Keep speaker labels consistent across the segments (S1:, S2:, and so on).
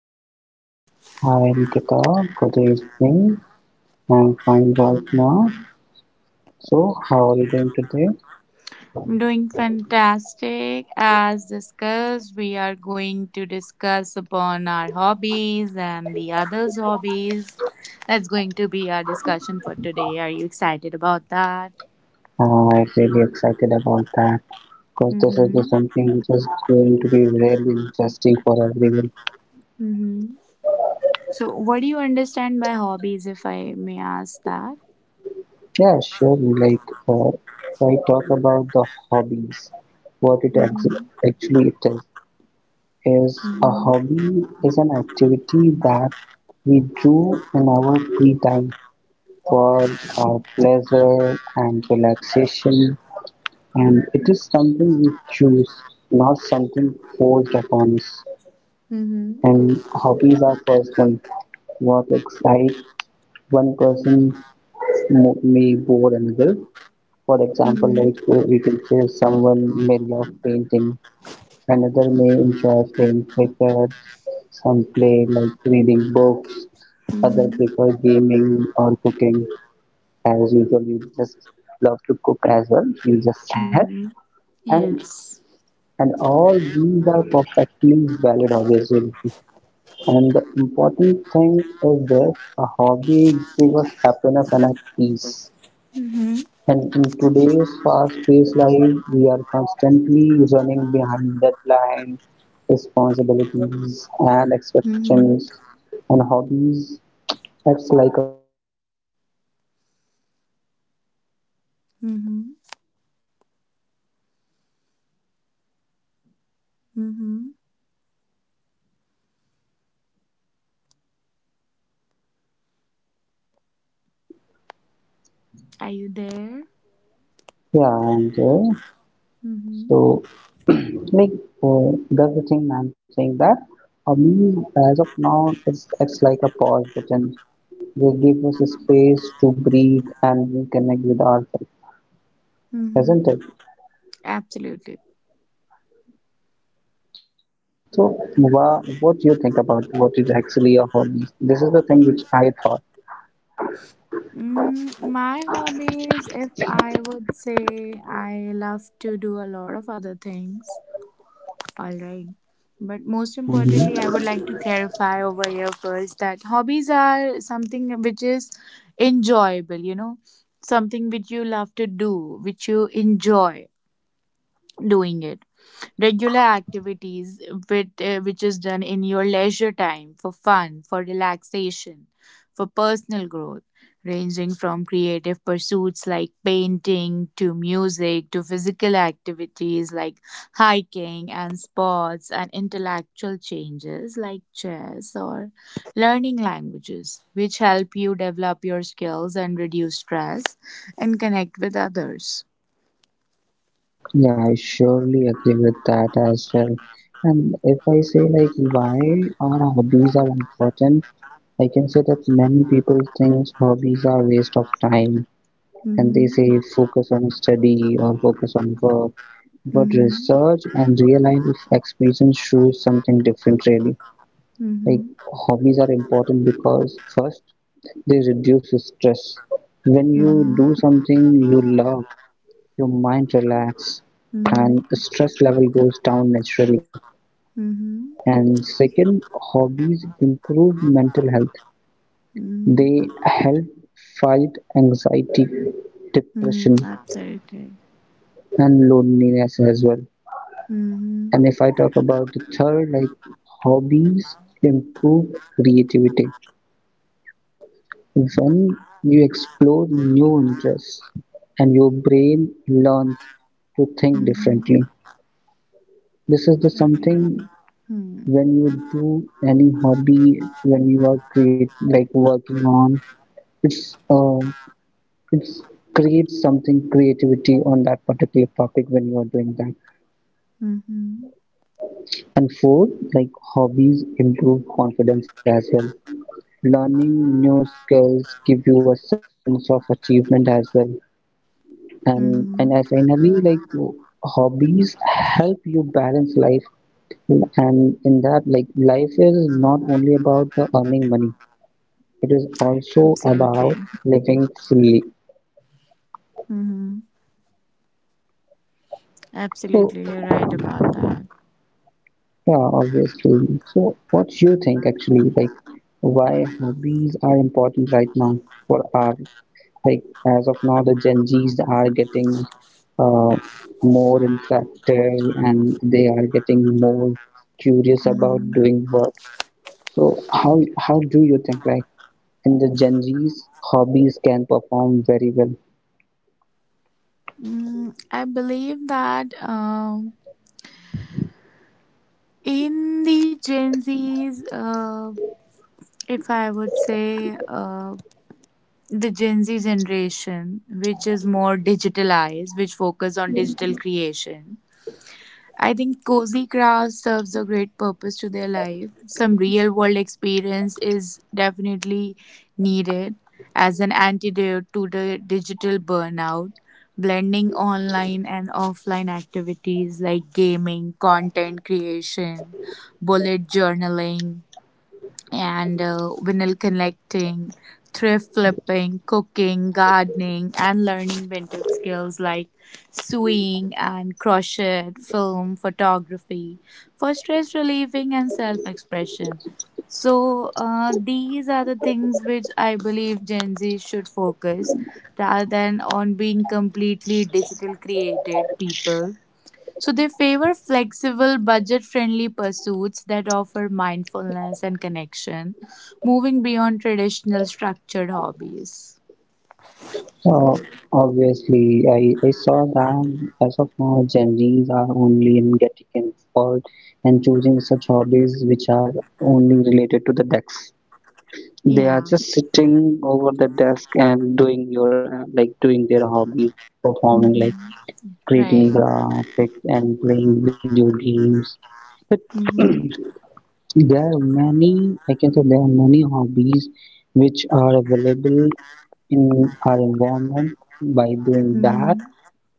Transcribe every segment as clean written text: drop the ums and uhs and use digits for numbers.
S1: are you?
S2: Hi Nikita, good evening. I'm fine right now. So, how are you doing today?
S1: I'm doing fantastic. As discussed, we are going to discuss upon our hobbies and the others' hobbies. That's going to be our discussion for today. Are you excited about that?
S2: I'm really excited about that because this is
S1: Mm-hmm.
S2: the something which is going to be really interesting for everyone.
S1: Mm-hmm. So, what do you understand by hobbies, if I may ask that?
S2: Yeah, sure. Uh, if I talk about the hobbies, what it ex
S1: Mm-hmm.
S2: actually it is a hobby is an activity that we do in our free time for our pleasure and relaxation. And it is something we choose, not something forced upon us.
S1: Mm-hmm.
S2: And hobbies are personal. What excites one person may bore another. For example,
S1: Mm-hmm.
S2: we can say someone may love painting, another may enjoy playing cricket, some play like reading books,
S1: Mm-hmm.
S2: other
S1: Mm-hmm.
S2: prefer gaming or cooking. As usual, you just love to cook as well, you just said.
S1: Mm-hmm.
S2: And
S1: Yes.
S2: and all these are perfectly valid obviously, and the important thing is this a hobby gives us happiness and a peace,
S1: Mm-hmm.
S2: and in today's fast-paced life we are constantly running behind deadlines, responsibilities and
S1: Mm-hmm.
S2: expectations, and hobbies acts like a pause button.
S1: Mm-hmm. Mm-hmm. Are you there?
S2: Yeah,
S1: Mm-hmm.
S2: So, like that's the thing I'm saying that for me as of now it's like a pause button. They give us a space to breathe and reconnect with ourselves,
S1: Mm-hmm.
S2: isn't it?
S1: Absolutely.
S2: So, what do you think about what is actually a hobby? This is the thing which I thought.
S1: Mm, my hobbies, if I would say I love to do a lot of other things. All right. But most importantly, I would like to
S2: Mhm.
S1: clarify over here first that hobbies are something which is enjoyable, something which you love to do, which you enjoy doing it. Regular activities with, which is done in your leisure time for fun, for relaxation, for personal growth, ranging from creative pursuits like painting to music to physical activities like hiking and sports and intellectual changes like chess or learning languages, which help you develop your skills and reduce stress and connect with others.
S2: Yeah, I surely agree with that as well. And if I say like why our hobbies are important, I can say that many people think hobbies are waste of time and they
S1: Hmm.
S2: say focus on study or focus on work, but
S1: Hmm.
S2: research and real life experience shows something different really. Like
S1: Hmm.
S2: hobbies are important because first, they reduce stress. When you
S1: Mhm.
S2: do something you love, your mind relax
S1: Mhm.
S2: and stress level goes down naturally.
S1: Mhm.
S2: And second, hobbies improve mental health.
S1: Mhm.
S2: They help fight anxiety,
S1: Mhm.
S2: depression,
S1: Absolutely.
S2: and loneliness as well.
S1: Mhm.
S2: And if I talk about the third, like hobbies improve creativity. When you explore new interests and your brain learns to think
S1: Mhm.
S2: differently. This is the
S1: Right.
S2: something,
S1: Hmm.
S2: when you do any hobby, when you are create like working on, it's uh, it's creates something creativity on that particular topic when you are doing that.
S1: Mhm.
S2: And fourth, like hobbies improve confidence as well. Learning new skills give you a sense of achievement as well. And I
S1: Mhm.
S2: finally like hobbies help you balance life, and in that, like life is not only about the earning money, it is also about
S1: Absolutely.
S2: living fully.
S1: Mm-hmm.
S2: So
S1: Absolutely, you're right about that.
S2: yeah, obviously, so what you think actually, like why hobbies are important right now for our, like as of now the gen z's are getting uh, more interactive and they are getting more curious about
S1: Mhm.
S2: doing work. So how do you think like in the Gen Z's hobbies can perform very well?
S1: Mm, I believe that in the Gen Zs, if I would say, the Gen Z generation, which is more digitalized, which focus on digital creation. I think cozy craft serves a great purpose to their life. Some real world experience is definitely needed as an antidote to the digital burnout. Blending online and offline activities like gaming, content creation, bullet journaling, and vinyl connecting, thrift flipping, cooking, gardening, and learning vintage skills like sewing and crochet, film, photography for stress relieving and self expression. So, these are the things which I believe Gen Z should focus rather than on being completely digital created people, so they favor flexible, budget friendly pursuits that offer mindfulness and connection, moving beyond traditional structured hobbies.
S2: Uh, Obviously, I saw that as of now Gen Z's are only in getting involved and choosing such hobbies which are only related to the decks.
S1: Yeah.
S2: They are just sitting over the desk and doing their hobbies, performing like
S1: Mm-hmm. Right.
S2: creating graphics and playing video games.
S1: Mm-hmm.
S2: I can say there are many hobbies which are available in our environment. By doing
S1: Mm-hmm.
S2: that,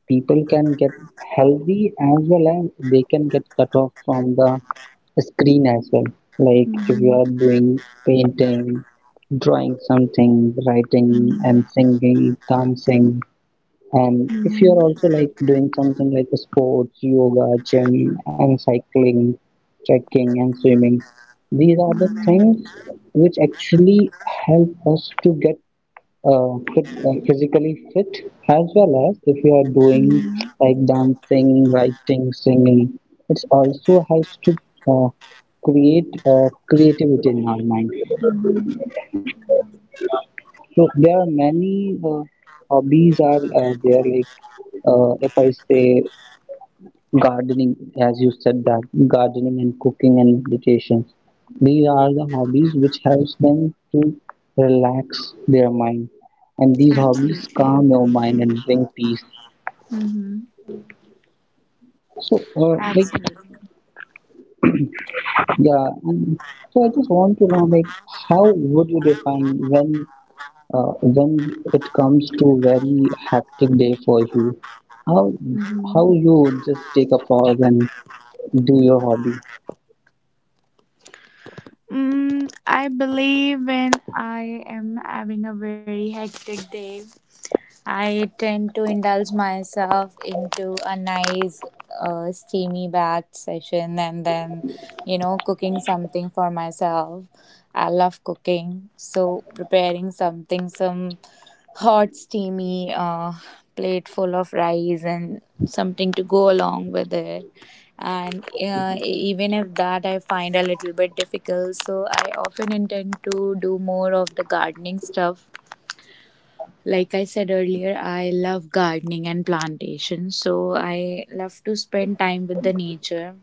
S2: people can get healthy as well as they can get cut off from the screen as well. Like if you
S1: Mm-hmm.
S2: are doing painting, drawing something, writing
S1: Mm-hmm.
S2: and singing, dancing, and if
S1: Mm-hmm.
S2: you're also like doing something like sports, yoga, gym, and cycling, trekking, and swimming, these are the
S1: Mm-hmm.
S2: things which actually help us to get fit, physically fit, as well as if you are doing
S1: Mm-hmm.
S2: like dancing, writing, singing, it also helps to uh, create creativity in our mind.
S1: Mm-hmm.
S2: So there are many hobbies are there, if I say gardening, as you said that gardening and cooking and meditation, these are the hobbies which helps them to relax their mind, and these hobbies
S1: Absolutely.
S2: calm your mind and bring peace.
S1: Mm-hmm.
S2: So
S1: Absolutely.
S2: yeah, and so I just want to know like how would you define when when it comes to very hectic day for you, how
S1: Mm-hmm.
S2: how you would just take a pause and do your hobby.
S1: Mm, I believe when I am having a very hectic day, I tend to indulge myself into a nice steamy bath session and then, you know, cooking something for myself. I love cooking. So, preparing something, some hot, steamy plate full of rice and something to go along with it. And even if that I find a little bit difficult, so I often intend to do more of the gardening stuff. Like I said earlier, I love gardening and plantation. So I love to spend time with the nature,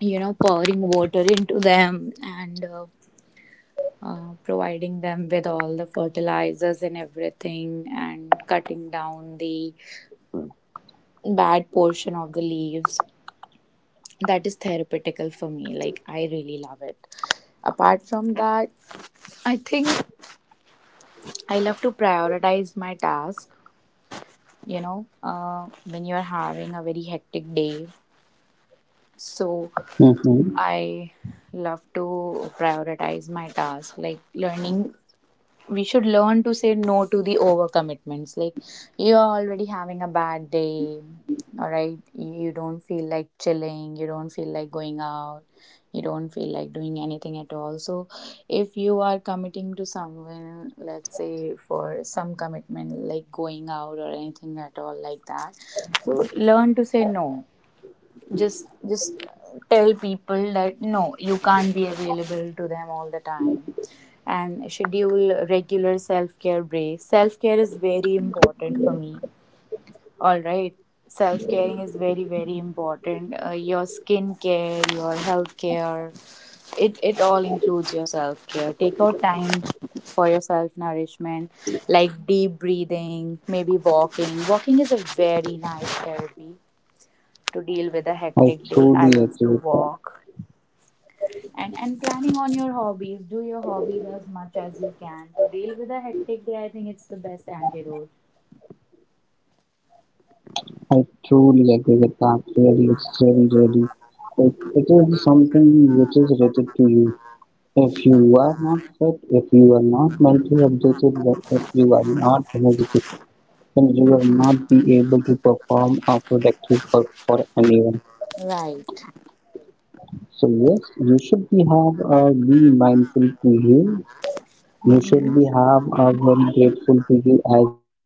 S1: you know, pouring water into them and providing them with all the fertilizers and everything and cutting down the bad portion of the leaves. That is therapeutical for me. Like, I really love it. Apart from that, I think I love to prioritize my task. You know, when you're having a very hectic day, so
S2: Mm-hmm.
S1: I love to prioritize my tasks. Like learning, we should learn to say no to the overcommitments. Like you're already having a bad day, all right? You don't feel like chilling, you don't feel like going out, you don't feel like doing anything at all. So if you are committing to someone, let's say for some commitment like going out or anything at all like that, so learn to say no, just tell people that no, you can't be available to them all the time, and schedule regular self-care breaks. Self-care is very important for me, all right? Self-caring is very, very important. Your skin care, your health care, it all includes your self-care. Take out time for your self-nourishment, like deep breathing, maybe walking. Walking is a very nice therapy to deal with a
S2: I
S1: hectic day.
S2: truly
S1: I love
S2: agree.
S1: to walk. And planning on your hobbies. Do your hobbies as much as you can. To deal with a hectic day, I think it's the best antidote.
S2: I truly agree with that. Really, it's really, really. It is something which is related to you. If you are not fit, if you are not mentally updated, then if you are not energetic, then you will not
S1: Mm-hmm.
S2: be able to perform a productive work for anyone.
S1: Right.
S2: So yes, you should be have be mindful to you. You should
S1: Mm-hmm.
S2: be have very grateful to you as well,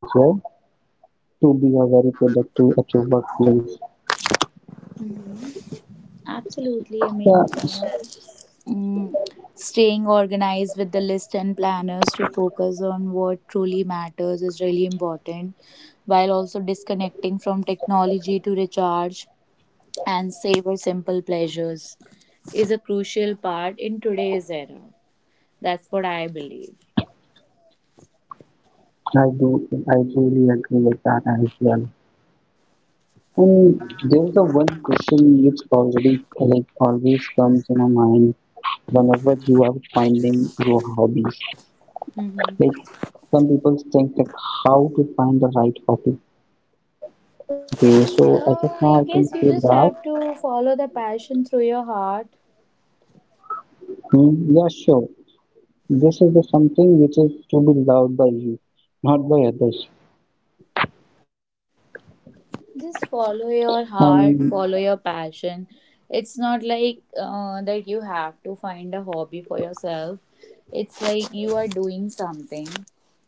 S2: to be a very productive at your workplace.
S1: Absolutely. I
S2: Yeah,
S1: mean, mm, staying organized with the list and planners to focus on what truly matters is really important, while also disconnecting from technology to recharge and savor simple pleasures is a crucial part in today's era. That's what I believe.
S2: I do, I really agree with that as well. And there's a one question which already like always comes in my mind whenever you are finding your hobbies.
S1: Mhm.
S2: Like some people think like how to find the right hobby. Okay, so as
S1: Uh,
S2: of now, I
S1: I
S2: can
S1: guess
S2: say
S1: you just
S2: that.
S1: have to follow the passion through your heart.
S2: Hmm, yeah, sure, this is the something which is to be loved by you, not by others.
S1: Just follow your
S2: And
S1: heart, follow your passion. It's not like that you have to find a hobby for yourself. It's like you are doing something,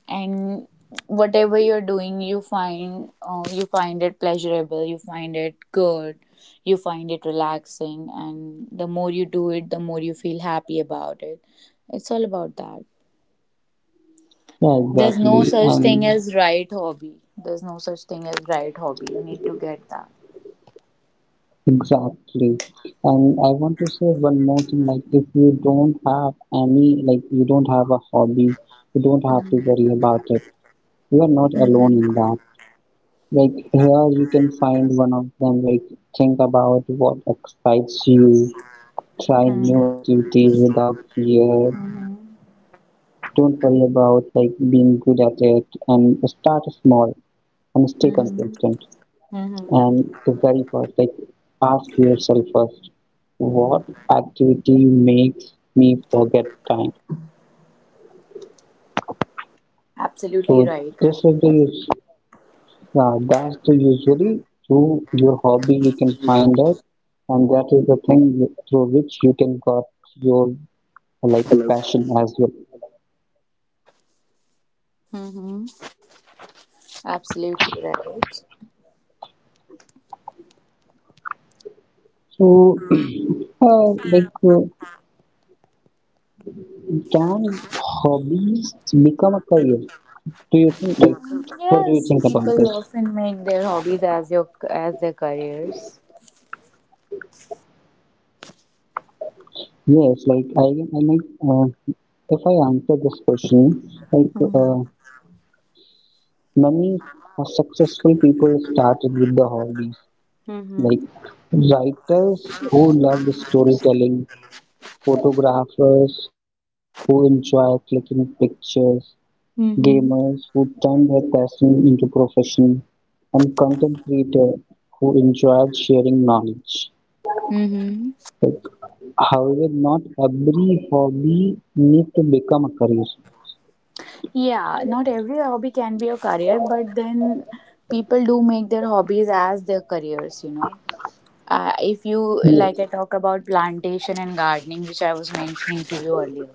S1: and whatever you're doing, you find it pleasurable, you find it good, you find it relaxing, and the more you do it the more you feel happy about it. It's all about that.
S2: yeah,
S1: There's no
S2: exactly.
S1: such thing
S2: And
S1: as right hobby. There's no such thing as right hobby, you need to get that.
S2: exactly. And I want to say one more thing, like if you don't have any, like you don't have a hobby, you don't have to
S1: Mhm.
S2: worry about it. You are not alone
S1: Mhm.
S2: in that. Like here you can find one of them, like think about what excites you, try
S1: Mhm.
S2: new activities without fear.
S1: Mhm.
S2: Don't worry about like being good at it, and start small and stay consistent.
S1: Mhm.
S2: And
S1: Mhm.
S2: the very first, like ask yourself first, what activity makes me forget time. So
S1: Absolutely right.
S2: this is the us- that's the usually through your hobby you can find it, and that is the thing through which you can got your like passion as well.
S1: Mm-hmm. Absolutely right.
S2: So uh, like uh, can hobbies become a career, do you think like what do
S1: Yes,
S2: you think about
S1: people
S2: this?
S1: often make their hobbies as your as their careers.
S2: Yes like I like uh, if I answer this question like
S1: Mm-hmm.
S2: Many successful people started with the hobbies,
S1: Mm-hmm.
S2: like writers who loved storytelling, photographers who enjoy clicking pictures,
S1: Mm-hmm.
S2: gamers who turned their passion into profession, and content creators who enjoyed sharing knowledge.
S1: Mm-hmm.
S2: However, not every hobby need to become a career.
S1: Yeah, not every hobby can be a career, but then people do make their hobbies as their careers. You know. If you like,
S2: Yes,
S1: I talk about plantation and gardening, which I was mentioning to you earlier.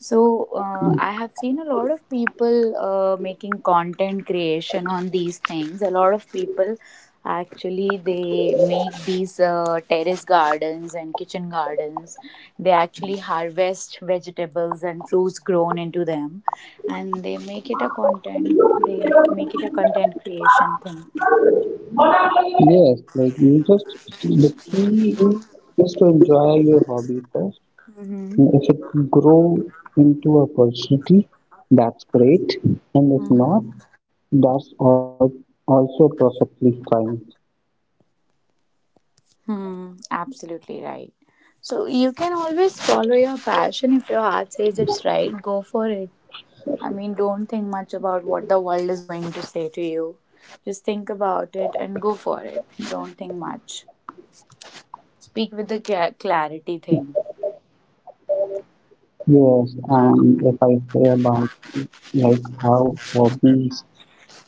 S1: So I have seen a lot of people making content creation on these things. A lot of people actually they make these terrace gardens and kitchen gardens. They actually harvest vegetables and fruits grown into them, and they make it a content. They make it a content creation thing.
S2: yes, like you just the key is to enjoy your hobby first. And if it grow into opportunity, that's great. And if not,
S1: Mm-hmm.
S2: that's also perfectly fine.
S1: Hmm, absolutely right. So you can always follow your passion if your heart says it's right. Go for it. I mean, don't think much about what the world is going to say to you. Just think about it and go for it. Don't think much. Speak with the clarity thing.
S2: Yes, if I say about like how hobbies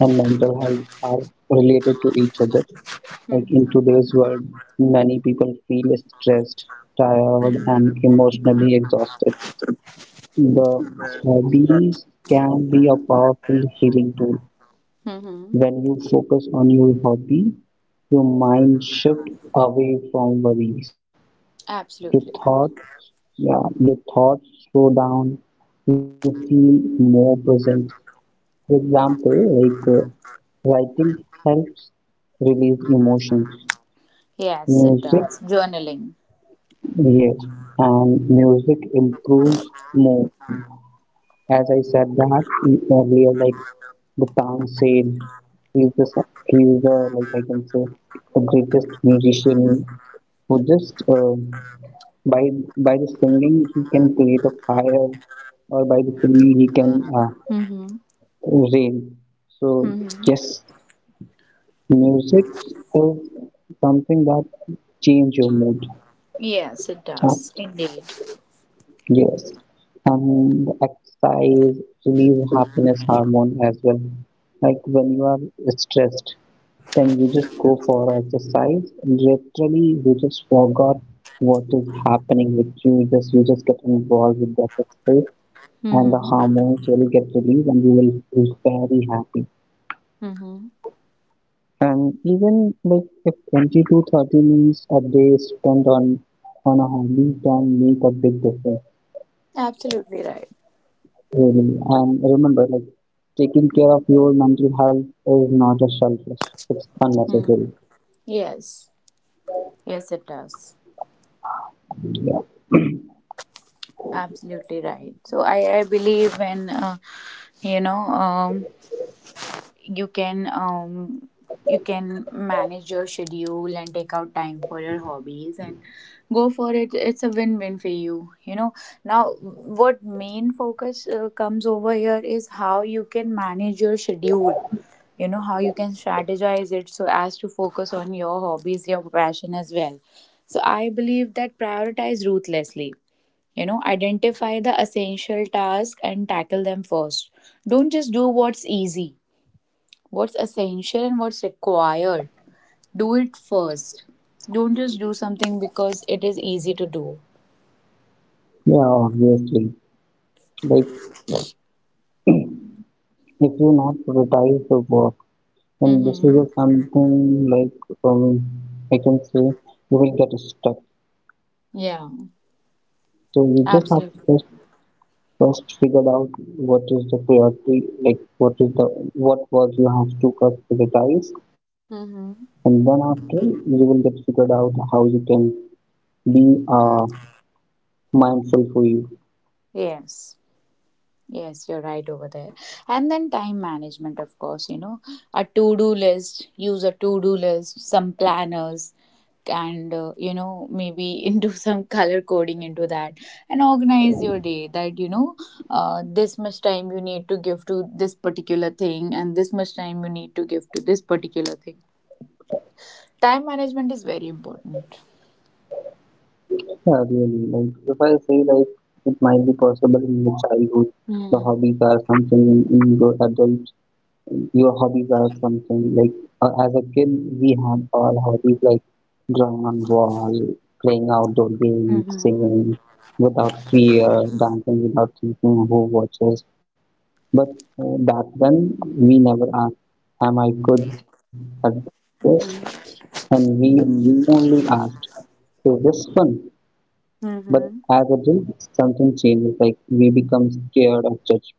S2: and mental health are related to each other, like
S1: Mm-hmm.
S2: in today's world, many people feel stressed,
S1: Mm-hmm.
S2: tired, and emotionally exhausted. The hobbies can be a powerful healing tool.
S1: Mm-hmm.
S2: When you focus on your hobby, your mind shifts away from worries. Your
S1: Absolutely.
S2: thoughts, yeah, your thoughts slow down. You feel more present. For example, writing helps release emotions.
S1: Yes, it
S2: Music,
S1: does. Journaling.
S2: yes, and music improves mood. As I said that earlier, like the town said, he's the like I can say the greatest musician who just by by the singing he can create a fire, or by the singing he can
S1: Mm-hmm.
S2: rain. So
S1: Mm-hmm.
S2: yes, music is something that change your mood.
S1: Yes, it
S2: Uh,
S1: does. Indeed.
S2: Yes, and exercise release happiness hormone as well. Like when you are stressed, then you just go for exercise. Literally, you just forgot what is happening with you. Just you just get involved with the exercise, and the
S1: Mm-hmm.
S2: hormones will get released, and you will feel very happy.
S1: Mm-hmm.
S2: And even like if 20 to 30 minutes a day spent on a hobby can make a big difference.
S1: Absolutely right.
S2: Really. And remember, like taking care of your mental health is not a selfish. It's
S1: Hmm.
S2: unnecessary.
S1: Yes. Yes, it does.
S2: Yeah.
S1: Absolutely right. So I believe when you know um, you can um, you can manage your schedule and take out time for your hobbies and go for it. It's a win-win for you. You know now what main focus comes over here is how you can manage your schedule. You know how you can strategize it so as to focus on your hobbies, your passion as well. So I believe that prioritize ruthlessly, you know, identify the essential tasks and tackle them first. Don't just do what's easy. What's essential and what's required, do it first. Don't just do something because it is easy to do.
S2: Yeah, obviously. Like if you not prioritize the work, then this is just
S1: Mm-hmm.
S2: something like um, I can say you will get stuck.
S1: Yeah,
S2: So you just have to
S1: absolutely.
S2: first figure out what is the priority, like what is the what work you have to first prioritize, and then
S1: Mm-hmm.
S2: after you will get figured out how you can be a mindful for you.
S1: Yes, yes, you're right over there. And then time management, of course, you know, a to do list, use a to do list, some planners, and you know, maybe do some color coding into that and organize your day that, you know, this much time you need to give to this particular thing and this much time you need to give to this particular thing. Time management is very important.
S2: Yeah, really. Like if I say like it might be possible in your childhood, the
S1: Mm-hmm.
S2: hobbies are something in your adult. Your hobbies are something as a kid. We had all hobbies like drawing on wall, playing outdoor games,
S1: Mm-hmm.
S2: singing without fear, dancing without thinking who watches. But back then we never asked, "Am I good at this?" And we only asked, "Is this fun?" But as
S1: Mm-hmm.
S2: adults, something changes. Like we become scared of judgment,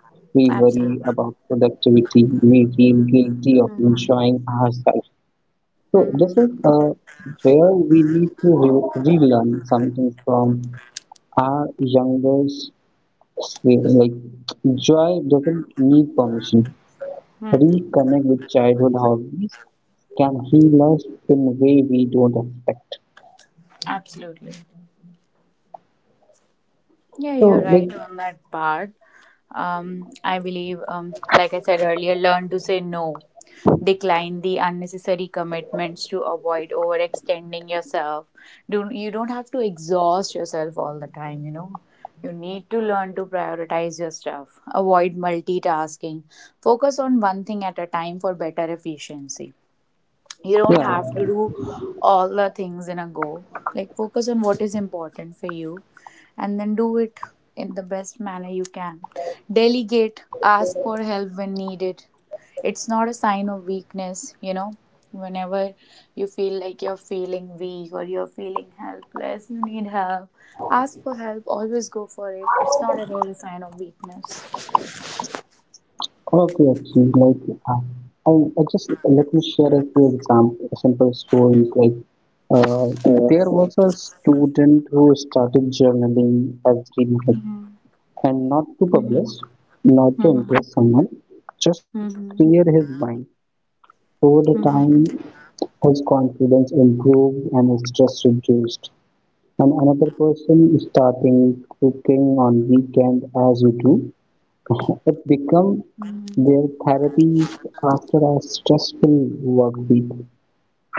S2: we worry about
S1: Absolutely.
S2: productivity, we feel guilty of
S1: Mm-hmm.
S2: enjoying ourselves. So this is where we need to relearn something from our younger sphere. Like joy doesn't need permission.
S1: Mm-hmm.
S2: Reconnect with childhood hobbies can heal us in a way we don't expect.
S1: Absolutely. Yeah, you're
S2: So like
S1: right on that part. I believe, like I said earlier, learn to say no, decline the unnecessary commitments to avoid overextending yourself. Do you don't have to exhaust yourself all the time, you know. You need to learn to prioritize your stuff. Avoid multitasking. Focus on one thing at a time for better efficiency. You don't
S2: yeah.
S1: have to do all the things in a go. Like focus on what is important for you, and then do it in the best manner you can. Delegate, ask for help when needed. It's not a sign of weakness, you know. Whenever you feel like you're feeling weak or you're feeling helpless, you need help, ask for help. Always go for it, it's not at all a sign of weakness.
S2: Okay, actually, like I just let me share a few example, a simple story. Uh, there was a student who started journaling every night,
S1: Mm-hmm.
S2: and not to
S1: Mm-hmm.
S2: publish, not to
S1: Mm-hmm.
S2: impress someone, just to
S1: Mm-hmm.
S2: clear his mind. Over the time,
S1: Mm-hmm.
S2: his confidence improved and his stress reduced. And another person starting cooking on weekend, as you do, it became
S1: Mm-hmm.
S2: their therapy after a stressful work week.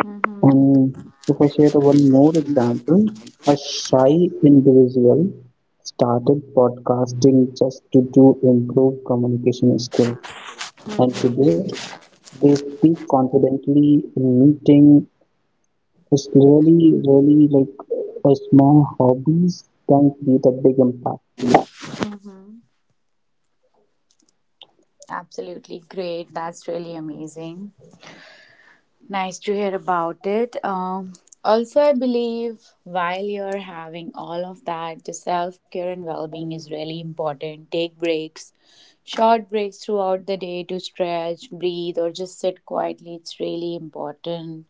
S1: Mm-hmm.
S2: And if I share one more example, a shy individual started podcasting just to improve communication skills. And
S1: Mm-hmm,
S2: today they speak confidently in meeting. It's really, really like a small hobbies can create a big impact.
S1: mm-hmm. Absolutely great. That's really amazing. Nice to hear about it. Also, I believe while you're having all of that, the self care and well being is really important. Take breaks, short breaks throughout the day to stretch, breathe, or just sit quietly. It's really important.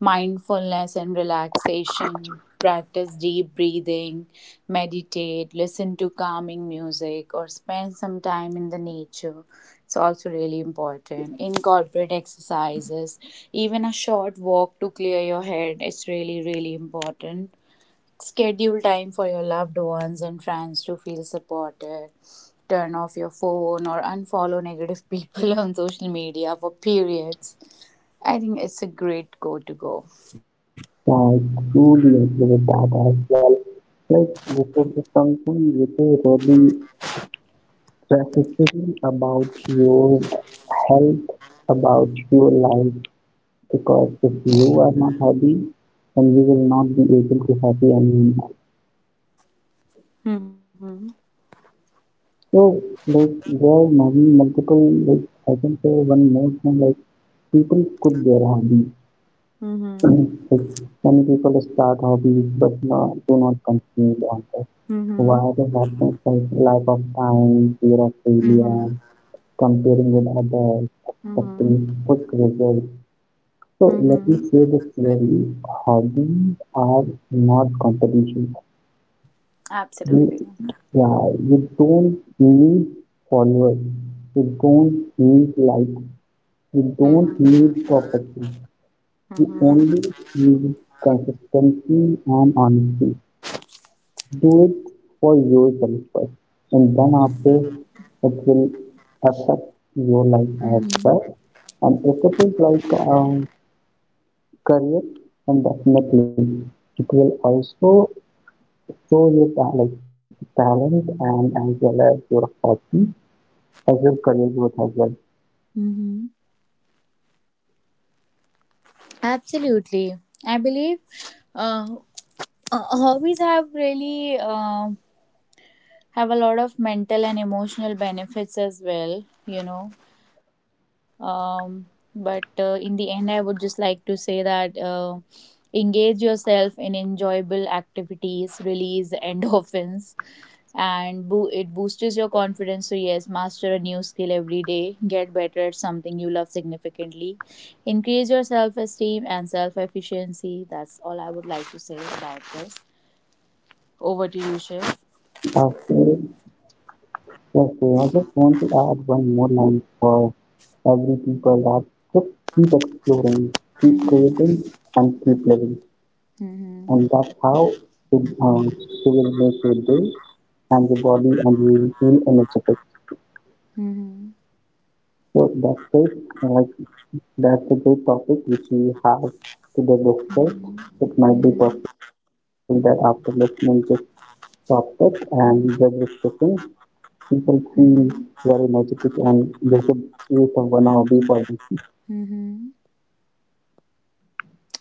S1: Mindfulness and relaxation, practice deep breathing, meditate, listen to calming music, or spend some time in the nature. It's also really important. Incorporate exercises, even a short walk to clear your head, it's really, really important. Schedule time for your loved ones and friends to feel supported. Turn off your phone or unfollow negative people on social media for periods. I think it's a great go to go.
S2: I truly agree with that as well. Like, this is something which is really specifically about your health, about your life, because if you are not happy, then you will not be able to happy anymore.
S1: Mhm.
S2: So, like, there are many multiple, like, I can say one more thing, like, people quit their hobby.
S1: Mhm.
S2: Like, many people start hobbies but not, do not continue on it. Why
S1: Mhm.
S2: the happens? Felt like lack of time, fear of failure,
S1: Mhm.
S2: comparing with others, expecting
S1: Mhm.
S2: quick results. So let me
S1: Mhm.
S2: say this clearly, hobbies are not competition. You,
S1: Absolutely.
S2: yeah, you don't need followers, you don't need likes, you don't
S1: Mhm.
S2: need perfection. You
S1: Mhm.
S2: only need consistency and honesty. Do it for yourself first, and then after it will affect your life as
S1: Mhm.
S2: well. And if it is like career, then definitely it will also show your like talent and as well as your hobby as your career growth as well.
S1: Mhm. Absolutely. I believe uh, hobbies have really have a lot of mental and emotional benefits as well. You know. Um, but in the end, I would just like to say that. Engage yourself in enjoyable activities release endorphins and it boosts your confidence. So, yes, master a new skill every day, get better at something you love significantly, increase your self esteem and self efficiency. That's all I would like to say about this. Over to
S2: Uh,
S1: you, Shiv.
S2: so, yes, so I just want to add one more line for every people, that just keep exploring, keep creating,
S1: Mhm,
S2: and keep living. And that's
S1: mhm,
S2: how you, um, you will make your day and your body, and you will feel energetic.
S1: mhm,
S2: So that's great. Like that's a great topic which we have today discussed.
S1: mhm,
S2: It might be
S1: mhm,
S2: possible that after listening to this topic and the discussion, people feel very
S1: mhm,
S2: energetic and they should create a 1 hour day for
S1: mhm.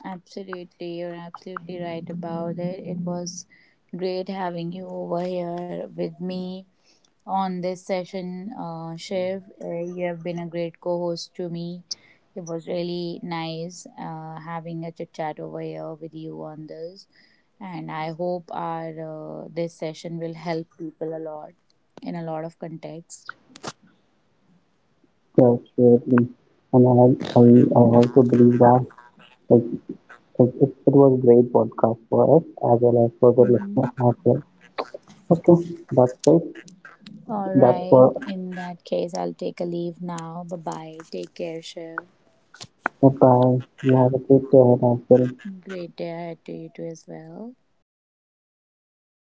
S1: Absolutely, you're absolutely right about it. It was great having you over here with me on this session, Shiv. You have been a great co host to me. It was really nice having a chit chat over here with you on this. And I hope our this session will help people a lot in a lot of context.
S2: themselves. Really. And I also believe that it, it was a great podcast for us as well as for the
S1: Mhm.
S2: listener as well. Okay, that's it.
S1: All
S2: That's
S1: right.
S2: for
S1: In that case, I'll take a leave now. Bye bye. Take care, Shiv.
S2: goodbye. You have a great day ahead as well.
S1: Great day ahead to you too as well.